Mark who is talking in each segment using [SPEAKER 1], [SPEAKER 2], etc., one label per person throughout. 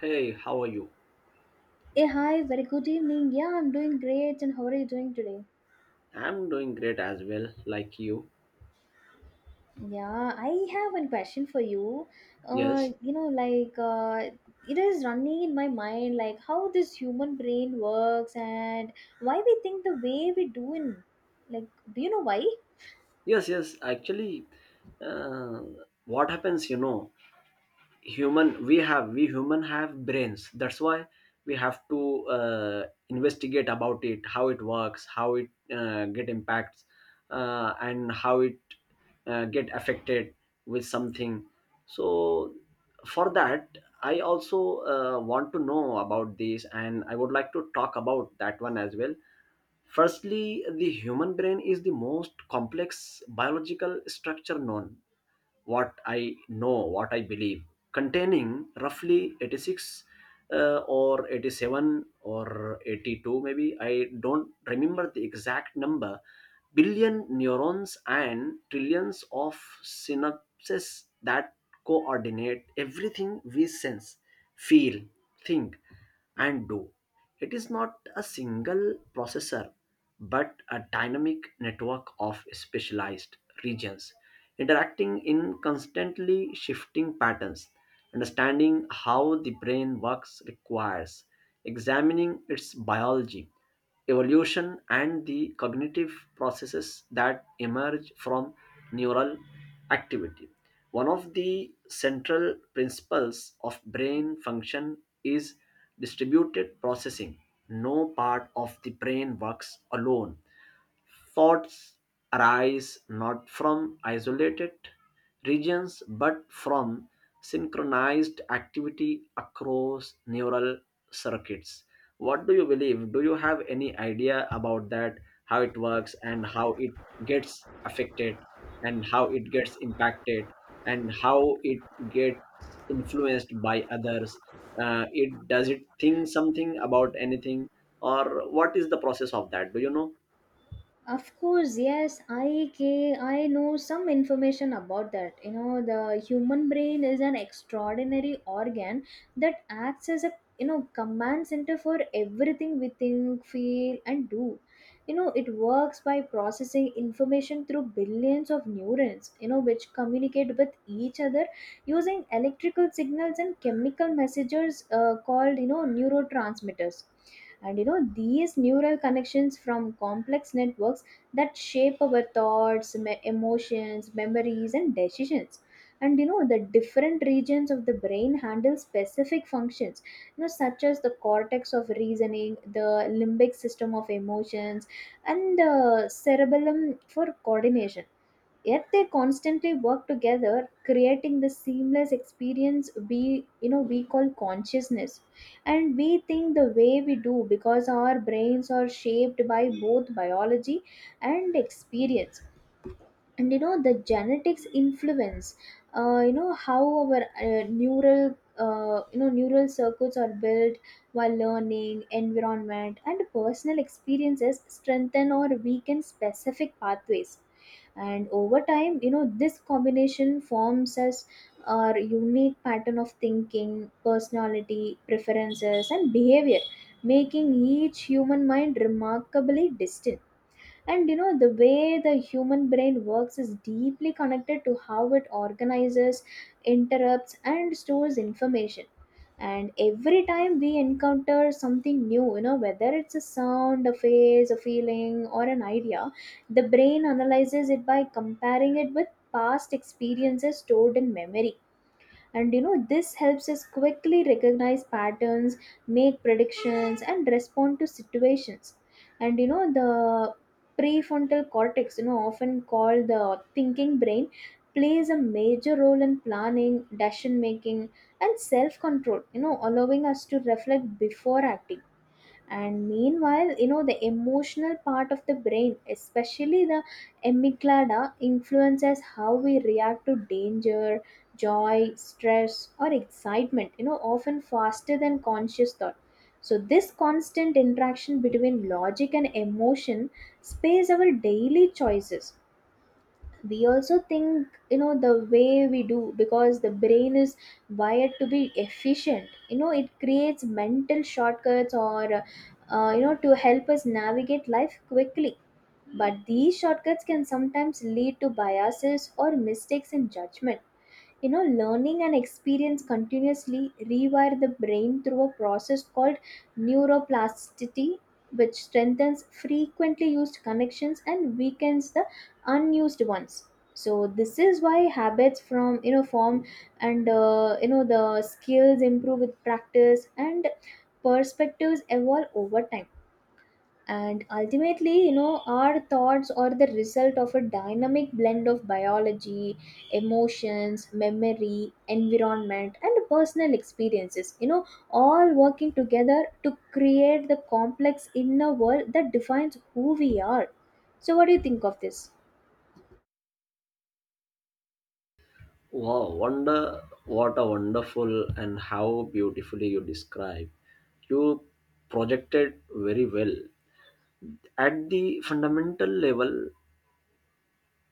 [SPEAKER 1] Hey, how are you?
[SPEAKER 2] Hey, hi, very good evening. Yeah, I'm doing great. And how are you doing today?
[SPEAKER 1] I'm doing great as well, like you.
[SPEAKER 2] Yeah, I have one question for you.
[SPEAKER 1] Yes,
[SPEAKER 2] You know, it is running in my mind, like how this human brain works and why we think the way we do in. Like, do you know why?
[SPEAKER 1] yes, yes. Actually, uh, what happens, you know, human we have we human have brains. That's why we have to uh, investigate about it, how it works, how it get impacts, and how it get affected with something. So for that, I also want to know about this, and I would like to talk about that one as well. Firstly, the human brain is the most complex biological structure known, what I know, what I believe, containing roughly 86, or 87, or 82, maybe. I don't remember the exact number, billion neurons and trillions of synapses that coordinate everything we sense, feel, think, and do. It is not a single processor, but a dynamic network of specialized regions interacting in constantly shifting patterns. Understanding how the brain works requires examining its biology, evolution, and the cognitive processes that emerge from neural activity. One of the central principles of brain function is distributed processing. No part of the brain works alone. Thoughts arise not from isolated regions but from synchronized activity across neural circuits. What do you believe? Do you have any idea about that, how it works, and how it gets affected, and how it gets impacted, and how it gets influenced by others? It does it think something about anything, or what is the process of that? Do you know?
[SPEAKER 2] Of course, yes, I know some information about that. You know, the human brain is an extraordinary organ that acts as a command center for everything we think, feel, and do. You know, it works by processing information through billions of neurons. You know, which communicate with each other using electrical signals and chemical messengers called neurotransmitters, and these neural connections from complex networks that shape our thoughts, emotions, memories, and decisions. And the different regions of the brain handle specific functions, such as the cortex of reasoning, the limbic system of emotions, and the cerebellum for coordination, yet they constantly work together, creating the seamless experience we you know we call consciousness. And we think the way we do because our brains are shaped by both biology and experience. And the genetics influence you know, how our neural, you know, neural circuits are built, while learning, environment, and personal experiences strengthen or weaken specific pathways. And over time, this combination forms as our unique pattern of thinking, personality, preferences, and behavior, making each human mind remarkably distinct. And the way the human brain works is deeply connected to how it organizes, interrupts, and stores information. And every time we encounter something new, whether it's a sound, a face, a feeling, or an idea, the brain analyzes it by comparing it with past experiences stored in memory. And this helps us quickly recognize patterns, make predictions, and respond to situations. And the prefrontal cortex, often called the thinking brain, plays a major role in planning, decision making, and self control, allowing us to reflect before acting. And meanwhile, the emotional part of the brain, especially the amygdala, influences how we react to danger, joy, stress, or excitement, often faster than conscious thought. So this constant interaction between logic and emotion space our daily choices. We also think, the way we do because the brain is wired to be efficient. It creates mental shortcuts, or you know, to help us navigate life quickly, but these shortcuts can sometimes lead to biases or mistakes in judgment. Learning and experience continuously rewire the brain through a process called neuroplasticity, which strengthens frequently used connections and weakens the unused ones. So this is why habits from you know form, and you know, the skills improve with practice and perspectives evolve over time. And ultimately, our thoughts are the result of a dynamic blend of biology, emotions, memory, environment, and personal experiences, all working together to create the complex inner world that defines who we are. So what do you think of this?
[SPEAKER 1] Wow, wonder what a wonderful and how beautifully you describe. You projected very well. At the fundamental level,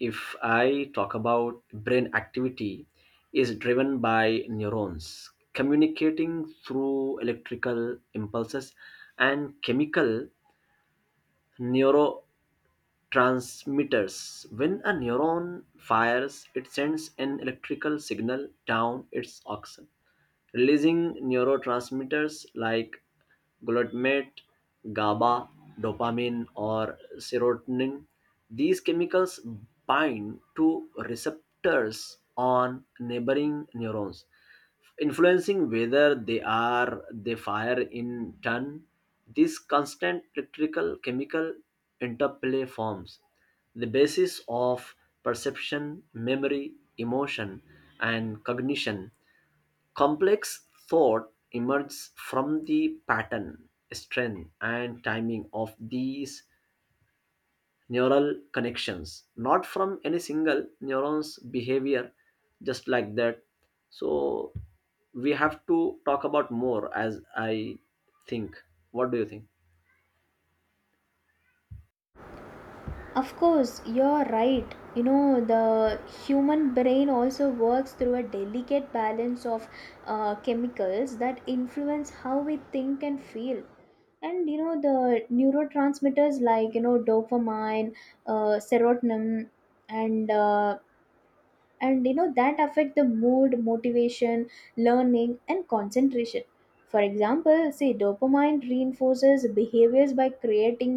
[SPEAKER 1] if I talk about brain activity, is driven by neurons communicating through electrical impulses and chemical neurotransmitters. When a neuron fires, it sends an electrical signal down its axon releasing neurotransmitters like glutamate, GABA, dopamine, or serotonin. These chemicals bind to receptors on neighboring neurons, influencing whether they fire in turn. This constant electrical chemical interplay forms the basis of perception, memory, emotion, and cognition. Complex thought emerges from the pattern, strength, and timing of these neural connections, not from any single neuron's behavior, just like that. So, we have to talk about more as I think. What do you think?
[SPEAKER 2] Of course, you're right. You know, the human brain also works through a delicate balance of chemicals that influence how we think and feel. And the neurotransmitters, like, dopamine, serotonin, and uh, and that affect the mood, motivation, learning, and concentration. For example, see, dopamine reinforces behaviors by creating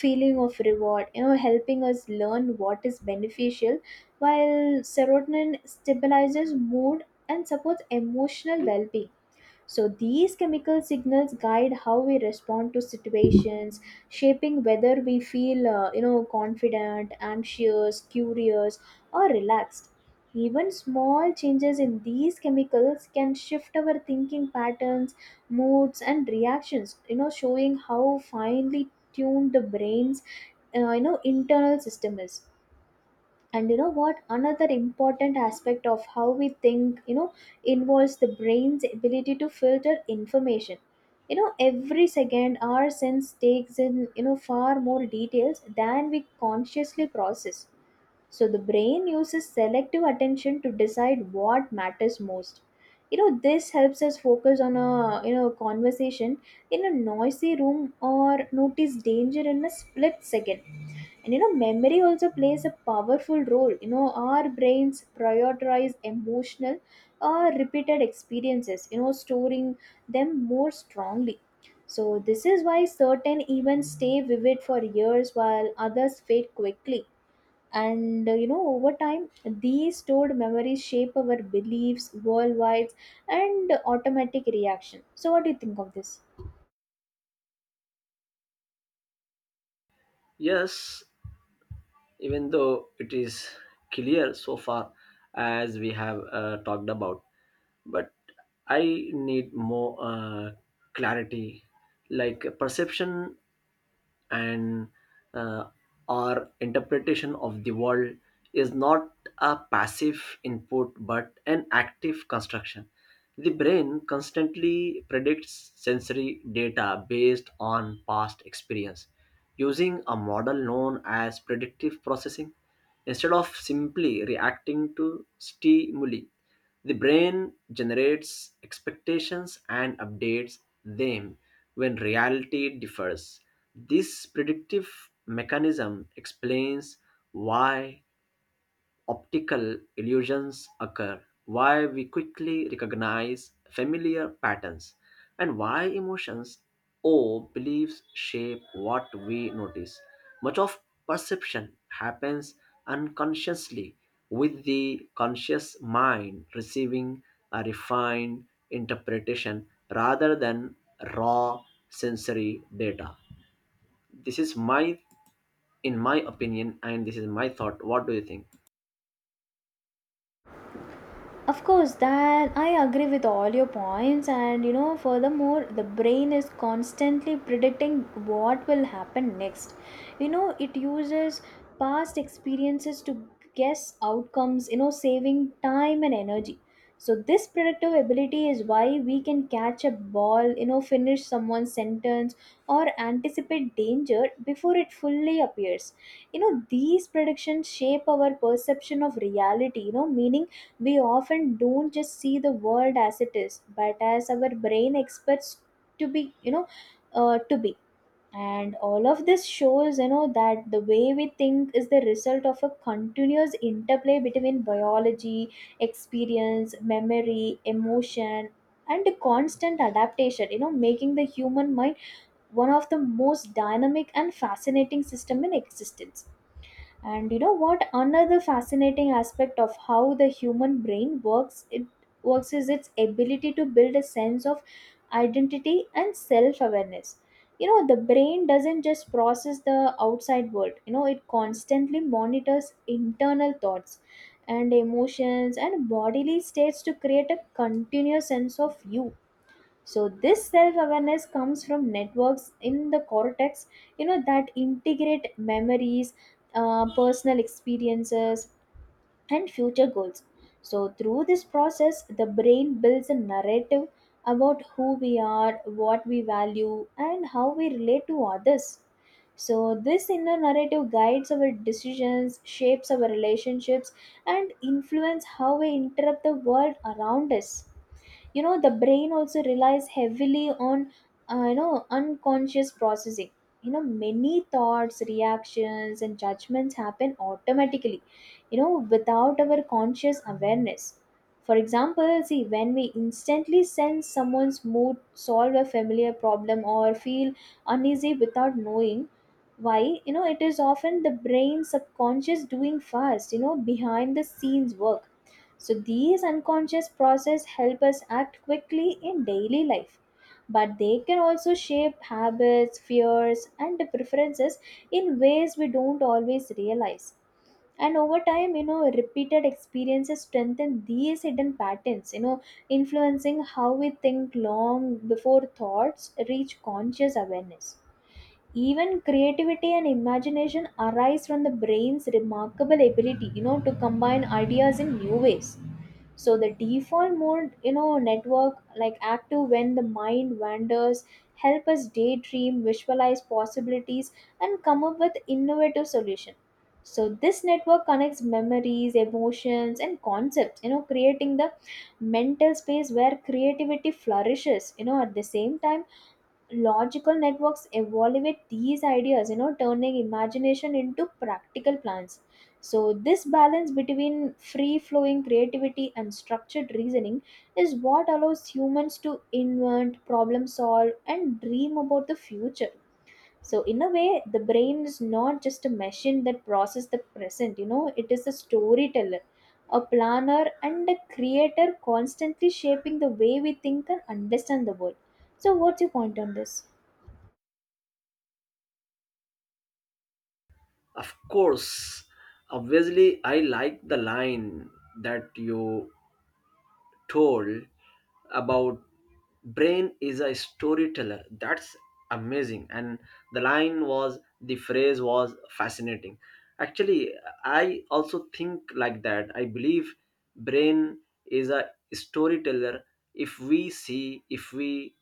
[SPEAKER 2] feeling of reward, helping us learn what is beneficial, while serotonin stabilizes mood and supports emotional well-being. So these chemical signals guide how we respond to situations, shaping whether we feel you know, confident, anxious, curious, or relaxed. Even small changes in these chemicals can shift our thinking patterns, moods, and reactions. You know, showing how finely tuned the brain's you know, internal system is. And what another important aspect of how we think, involves the brain's ability to filter information. Every second our sense takes in, far more details than we consciously process, so the brain uses selective attention to decide what matters most. You know, this helps us focus on a conversation in a noisy room, or notice danger in a split second. And memory also plays a powerful role. You know, our brains prioritize emotional or repeated experiences, storing them more strongly. So this is why certain events stay vivid for years while others fade quickly. And you know, over time these stored memories shape our beliefs worldwide and automatic reaction. So what do you think of this?
[SPEAKER 1] Yes, even though it is clear so far as we have talked about, but I need more clarity. Like, perception and uh, our interpretation of the world is not a passive input but an active construction. The brain constantly predicts sensory data based on past experience using a model known as predictive processing. Instead of simply reacting to stimuli, the brain generates expectations and updates them when reality differs. This predictive mechanism explains why optical illusions occur, why we quickly recognize familiar patterns, and why emotions or beliefs shape what we notice. Much of perception happens unconsciously, with the conscious mind receiving a refined interpretation rather than raw sensory data. This is my, in my opinion, and this is my thought. What do you think?
[SPEAKER 2] Of course that I agree with all your points. And furthermore, the brain is constantly predicting what will happen next. It uses past experiences to guess outcomes, saving time and energy. So this predictive ability is why we can catch a ball, finish someone's sentence, or anticipate danger before it fully appears. These predictions shape our perception of reality, meaning we often don't just see the world as it is, but as our brain expects to be. To be. And all of this shows, that the way we think is the result of a continuous interplay between biology, experience, memory, emotion, and the constant adaptation, making the human mind one of the most dynamic and fascinating system in existence. And what another fascinating aspect of how the human brain works is its ability to build a sense of identity and self awareness. The brain doesn't just process the outside world. It constantly monitors internal thoughts and emotions and bodily states to create a continuous sense of you. So this self awareness comes from networks in the cortex, that integrate memories, personal experiences, and future goals. So through this process the brain builds a narrative about who we are, what we value, and how we relate to others. So this inner narrative guides our decisions, shapes our relationships, and influence how we interpret the world around us. You know, the brain also relies heavily on you know, unconscious processing. Many thoughts, reactions, and judgments happen automatically, without our conscious awareness. For example, see, when we instantly sense someone's mood, solve a familiar problem, or feel uneasy without knowing why, it is often the brain subconscious doing first, behind the scenes work. So these unconscious process help us act quickly in daily life, but they can also shape habits, fears, and preferences in ways we don't always realize. And over time, repeated experiences strengthen these hidden patterns, influencing how we think long before thoughts reach conscious awareness. Even creativity and imagination arise from the brain's remarkable ability, to combine ideas in new ways. So the default mode, network like active when the mind wanders, help us daydream, visualize possibilities, and come up with innovative solution. So this network connects memories, emotions, and concepts, creating the mental space where creativity flourishes. You know, at the same time logical networks evaluate these ideas, turning imagination into practical plans. So this balance between free flowing creativity and structured reasoning is what allows humans to invent, problem solve, and dream about the future. So in a way, the brain is not just a machine that processes the present. It is a storyteller, a planner, and a creator, constantly shaping the way we think and understand the world. So, what's your point on this?
[SPEAKER 1] Of course, obviously, I like the line that you told about brain is a storyteller. That's amazing. And the line was, the phrase was fascinating. Actually, I also think like that. I believe brain is a storyteller. If we see, if we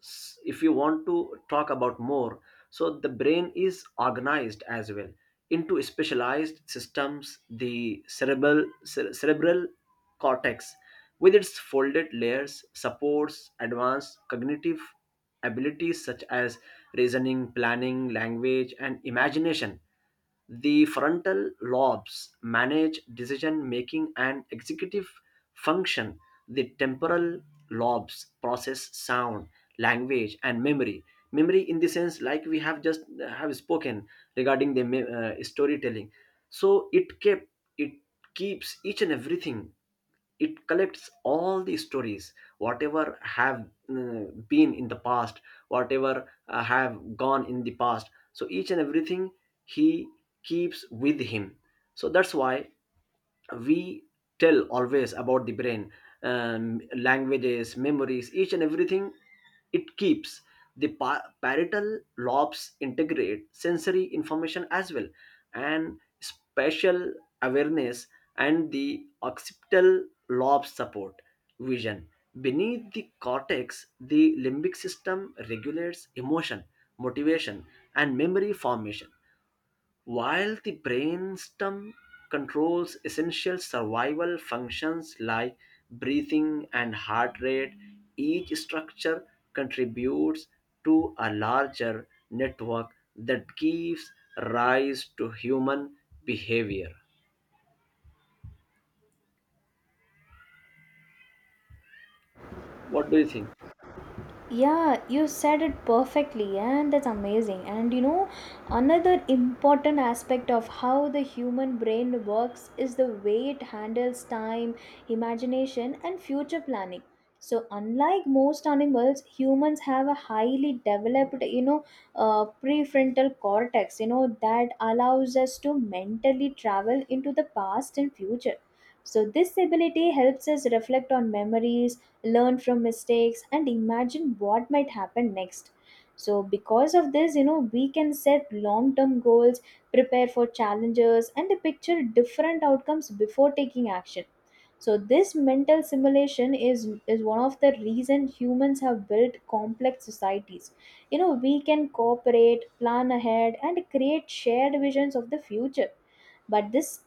[SPEAKER 1] s- if you want to talk about more, so the brain is organized as well into specialized systems. The cerebral cerebral cortex with its folded layers supports advanced cognitive abilities such as reasoning, planning, language, and imagination. The frontal lobes manage decision making and executive function. The temporal lobes process sound, language, and memory. Memory, in the sense like we have just have spoken regarding the storytelling, so it keeps each and everything. It collects all the stories, whatever have been in the past, whatever have gone in the past, so each and everything he keeps with him. So that's why we tell always about the brain, languages, memories, each and everything it keeps. The parietal lobes integrate sensory information as well and spatial awareness, and the occipital lobes support vision. Beneath the cortex, the limbic system regulates emotion, motivation, and memory formation, while the brainstem controls essential survival functions like breathing and heart rate. Each structure contributes to a larger network that gives rise to human behavior. What do you think?
[SPEAKER 2] Yeah, you said it perfectly, and that's amazing. And another important aspect of how the human brain works is the way it handles time, imagination, and future planning. So, unlike most animals, humans have a highly developed, prefrontal cortex, that allows us to mentally travel into the past and future. So, this ability helps us reflect on memories, learn from mistakes, and imagine what might happen next. So, because of this, we can set long term goals, prepare for challenges, and picture different outcomes before taking action. So, this mental simulation is one of the reason humans have built complex societies. We can cooperate, plan ahead, and create shared visions of the future, but this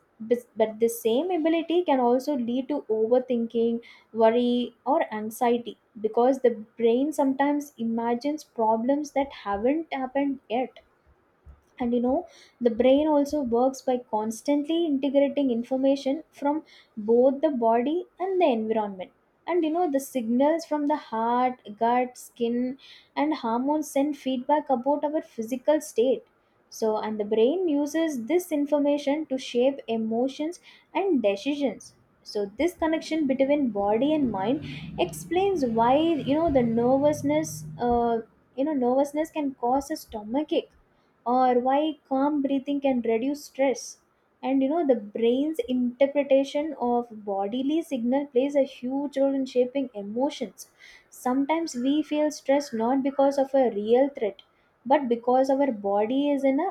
[SPEAKER 2] but this same ability can also lead to overthinking, worry, or anxiety, because the brain sometimes imagines problems that haven't happened yet. And the brain also works by constantly integrating information from both the body and the environment. And the signals from the heart, gut, skin, and hormones send feedback about our physical state. So, and the brain uses this information to shape emotions and decisions. So, this connection between body and mind explains why you know the nervousness uh, you know nervousness can cause a stomachache, or why calm breathing can reduce stress. And the brain's interpretation of bodily signal plays a huge role in shaping emotions. Sometimes we feel stressed not because of a real threat, but because our body is in a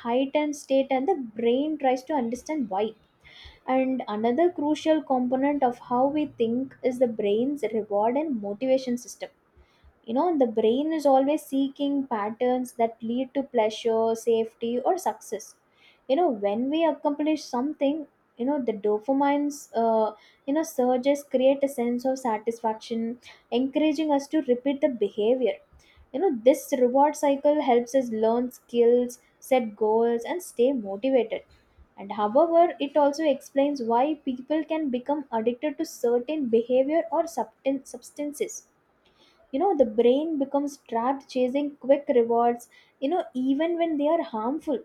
[SPEAKER 2] heightened state and the brain tries to understand why. And another crucial component of how we think is the brain's reward and motivation system. The brain is always seeking patterns that lead to pleasure, safety, or success. When we accomplish something, the dopamine's, surges create a sense of satisfaction, encouraging us to repeat the behavior. This reward cycle helps us learn skills, set goals, and stay motivated. And however, it also explains why people can become addicted to certain behavior or substances. The brain becomes trapped chasing quick rewards, even when they are harmful.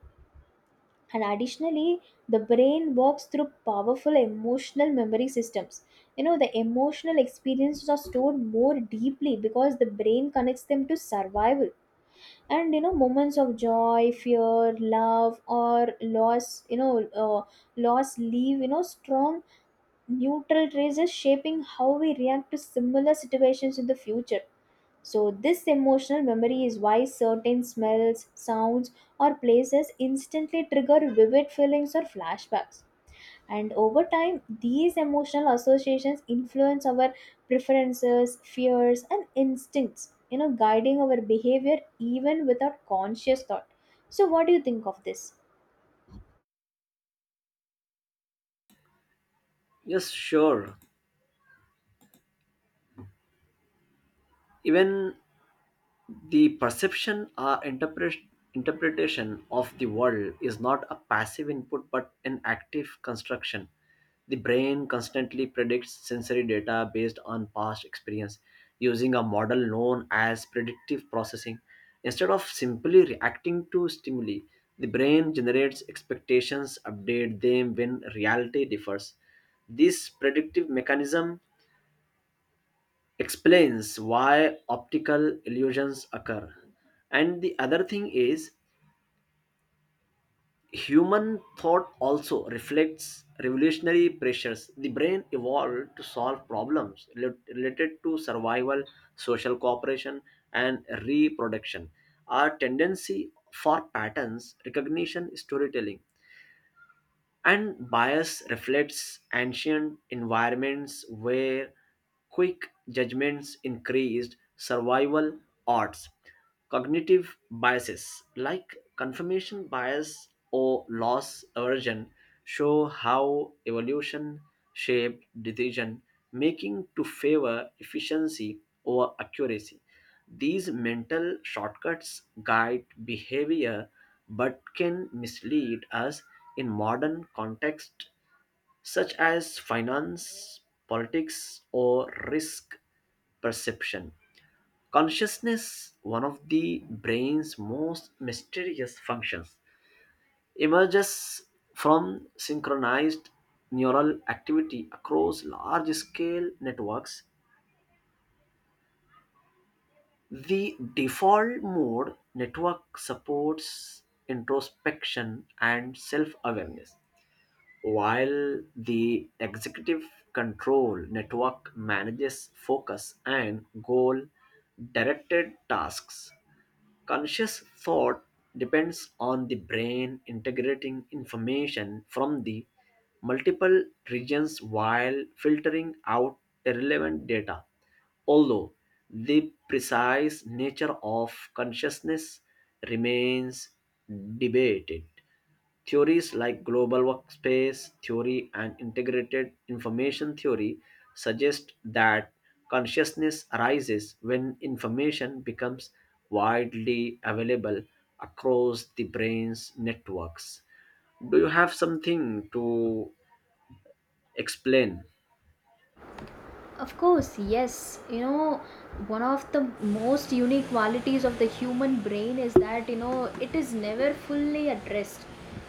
[SPEAKER 2] And additionally, the brain works through powerful emotional memory systems. The emotional experiences are stored more deeply, because the brain connects them to survival. And moments of joy, fear, love, or loss you know uh, loss leave strong neutral traces, shaping how we react to similar situations in the future. So, this emotional memory is why certain smells, sounds, or places instantly trigger vivid feelings or flashbacks. And over time, these emotional associations influence our preferences, fears, and instincts, guiding our behavior even without conscious thought. So, what do you think of this?
[SPEAKER 1] Yes, sure. Even the perception or interpretation of the world is not a passive input but an active construction. The brain constantly predicts sensory data based on past experience using a model known as predictive processing. Instead of simply reacting to stimuli, the brain generates expectations, update them when reality differs. This predictive mechanism explains why optical illusions occur. And the other thing is, human thought also reflects revolutionary pressures. The brain evolved to solve problems related to survival, social cooperation, and reproduction. Our tendency for patterns recognition, storytelling, and bias reflects ancient environments where quick judgments increased survival odds. Cognitive biases like confirmation bias or loss aversion show how evolution shaped decision making to favor efficiency over accuracy. These mental shortcuts guide behavior but can mislead us in modern contexts such as finance, politics, or risk perception. Consciousness, one of the brain's most mysterious functions, emerges from synchronized neural activity across large scale networks. The default mode network supports introspection and self awareness, while the executive control network manages focus and goal directed tasks. Conscious thought depends on the brain integrating information from the multiple regions while filtering out irrelevant data. Although the precise nature of consciousness remains debated, theories like global workspace theory and integrated information theory suggest that consciousness arises when information becomes widely available across the brain's networks. Do you have something to explain?
[SPEAKER 2] Of course, yes. One of the most unique qualities of the human brain is that, it is never fully at rest.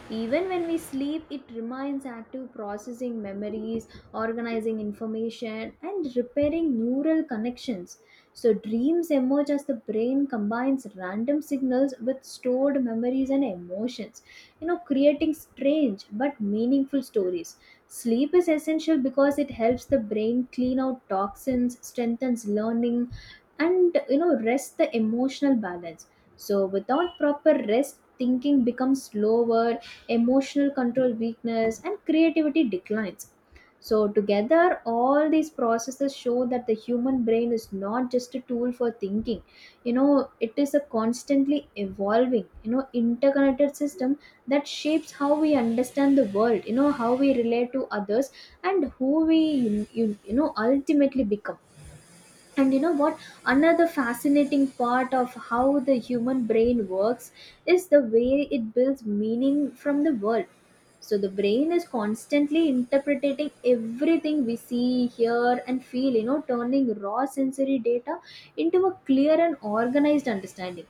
[SPEAKER 2] Even when we sleep, it remains active, processing memories, organizing information, and repairing neural connections. So, dreams emerge as the brain combines random signals with stored memories and emotions, creating strange but meaningful stories. Sleep is essential because it helps the brain clean out toxins, strengthens learning, and rest the emotional balance. So, without proper rest, thinking becomes slower, emotional control weakness, and creativity declines. So, together, all these processes show that the human brain is not just a tool for thinking. It is a constantly evolving, interconnected system that shapes how we understand the world, how we relate to others, and who we, ultimately become. And you know what another fascinating part of how the human brain works is the way it builds meaning from the world. So, the brain is constantly interpreting everything we see, hear, and feel, turning raw sensory data into a clear and organized understanding.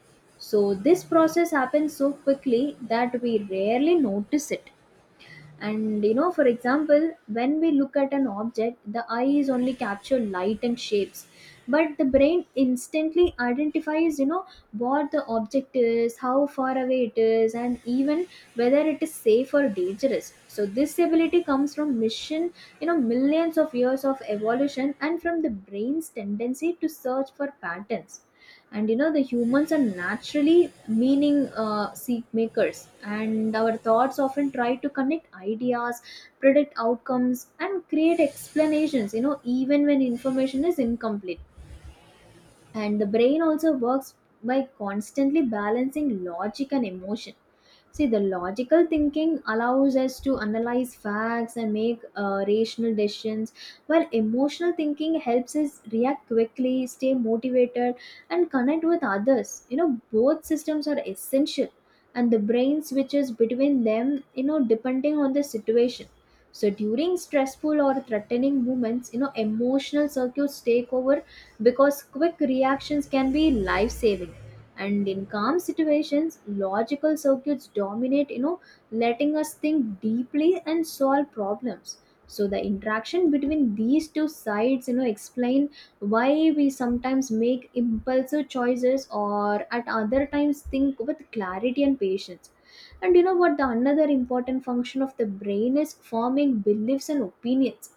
[SPEAKER 2] So, this process happens so quickly that we rarely notice it. And for example, when we look at an object, the eyes only capture light and shapes, but the brain instantly identifies, what the object is, how far away it is, and even whether it is safe or dangerous. So, this ability comes from mission, millions of years of evolution, and from the brain's tendency to search for patterns. And the humans are naturally meaning seek makers, and our thoughts often try to connect ideas, predict outcomes, and create explanations, even when information is incomplete. And the brain also works by constantly balancing logic and emotion. See, the logical thinking allows us to analyze facts and make rational decisions, while emotional thinking helps us react quickly, stay motivated, and connect with others. Both systems are essential, and the brain switches between them, depending on the situation. So, during stressful or threatening moments, emotional circuits take over, because quick reactions can be life saving. And in calm situations, logical circuits dominate, letting us think deeply and solve problems. So, the interaction between these two sides, explain why we sometimes make impulsive choices, or at other times think with clarity and patience. And you know what the another important function of the brain is forming beliefs and opinions.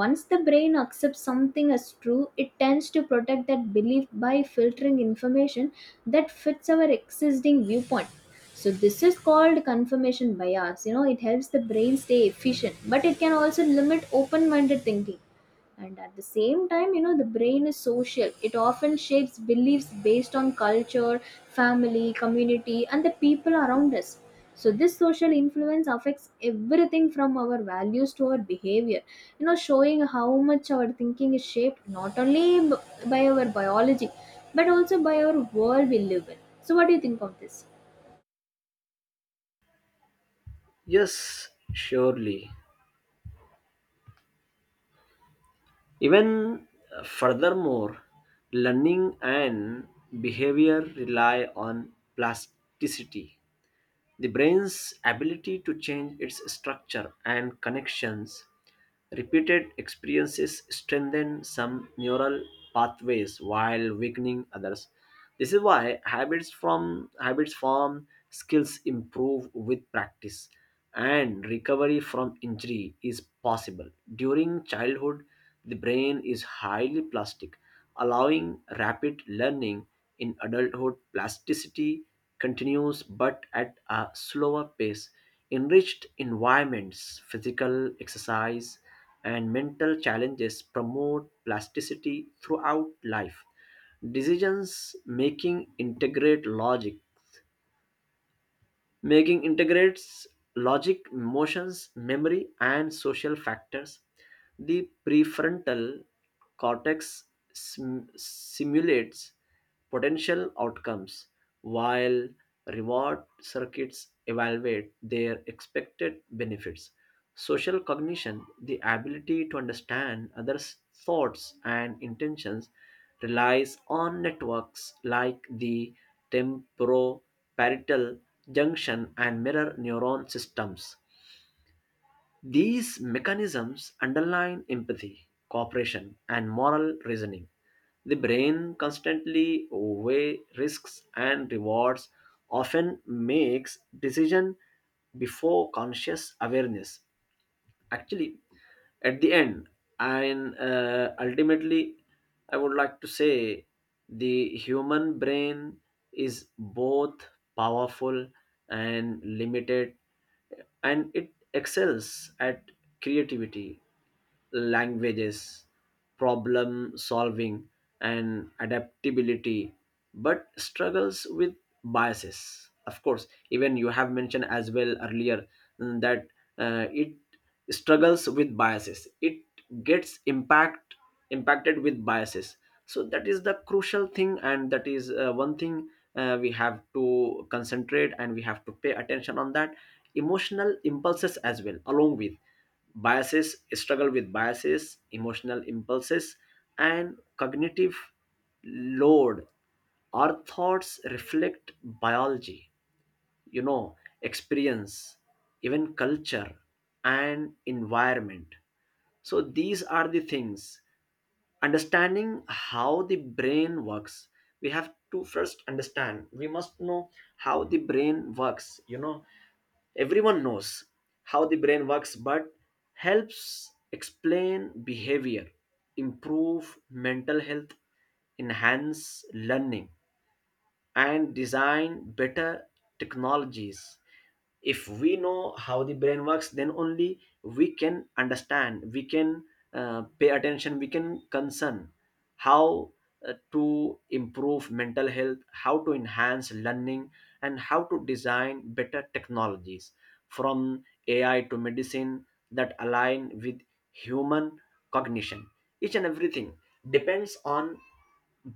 [SPEAKER 2] Once the brain accepts something as true, it tends to protect that belief by filtering information that fits our existing viewpoint. So, this is called confirmation bias. It helps the brain stay efficient, but it can also limit open-minded thinking. And at the same time, the brain is social. It often shapes beliefs based on culture, family, community, and the people around us. So, this social influence affects everything from our values to our behavior, showing how much our thinking is shaped not only by our biology, but also by our world we live in. So, what do you think of this?
[SPEAKER 1] Yes, surely. Even, furthermore, learning and behavior rely on plasticity, the brain's ability to change its structure and connections. Repeated experiences strengthen some neural pathways while weakening others. This is why habits form, skills improve with practice, and recovery from injury is possible. During childhood, the brain is highly plastic, allowing rapid learning. In adulthood, plasticity continues but at a slower pace. Enriched environments, physical exercise, and mental challenges promote plasticity throughout life. Decisions making integrate logic. Making integrates logic, emotions, memory, and social factors. The prefrontal cortex simulates potential outcomes, while reward circuits evaluate their expected benefits. Social cognition, the ability to understand others' thoughts and intentions, relies on networks like the temporoparietal junction and mirror neuron systems. These mechanisms underline empathy, cooperation, and moral reasoning. The brain constantly weighs risks and rewards, often makes decisions before conscious awareness. Actually, at the end, and ultimately, I would like to say the human brain is both powerful and limited, and it excels at creativity, languages, problem solving, and adaptability, but struggles with biases. Of course, even you have mentioned as well earlier, that it struggles with biases. It gets impacted with biases. So that is the crucial thing, and that is one thing we have to concentrate and we have to pay attention on that. Emotional impulses as well, along with biases, struggle with biases, emotional impulses, and cognitive load. Our thoughts reflect biology, you know, experience, even culture and environment. So these are the things. Understanding how the brain works, we have to first understand, we must know how the brain works, you know. Everyone knows how the brain works, but helps explain behavior, improve mental health, enhance learning, and design better technologies. If we know how the brain works, then only we can understand, we can pay attention, we can concern how to improve mental health, how to enhance learning, and how to design better technologies, from ai to medicine, that align with human cognition. Each and everything depends on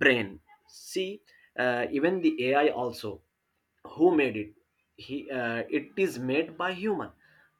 [SPEAKER 1] brain. See, even the ai also, who made it? He It is made by human.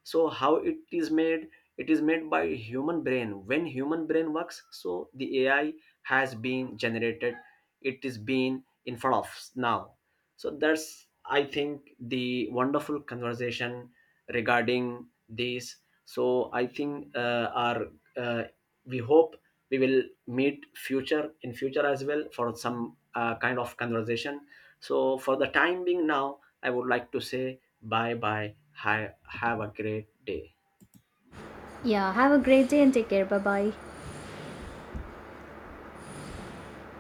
[SPEAKER 1] So how it is made? It is made by human brain. When human brain works, so the ai has been generated, it is being in front of us now. So that's, I think, the wonderful conversation regarding this. So I think our, uh, we hope we will meet future in future as well for some kind of conversation. So for the time being now, I would like to say bye bye. Hi, have a great day.
[SPEAKER 2] Yeah, have a great day and take care. Bye bye.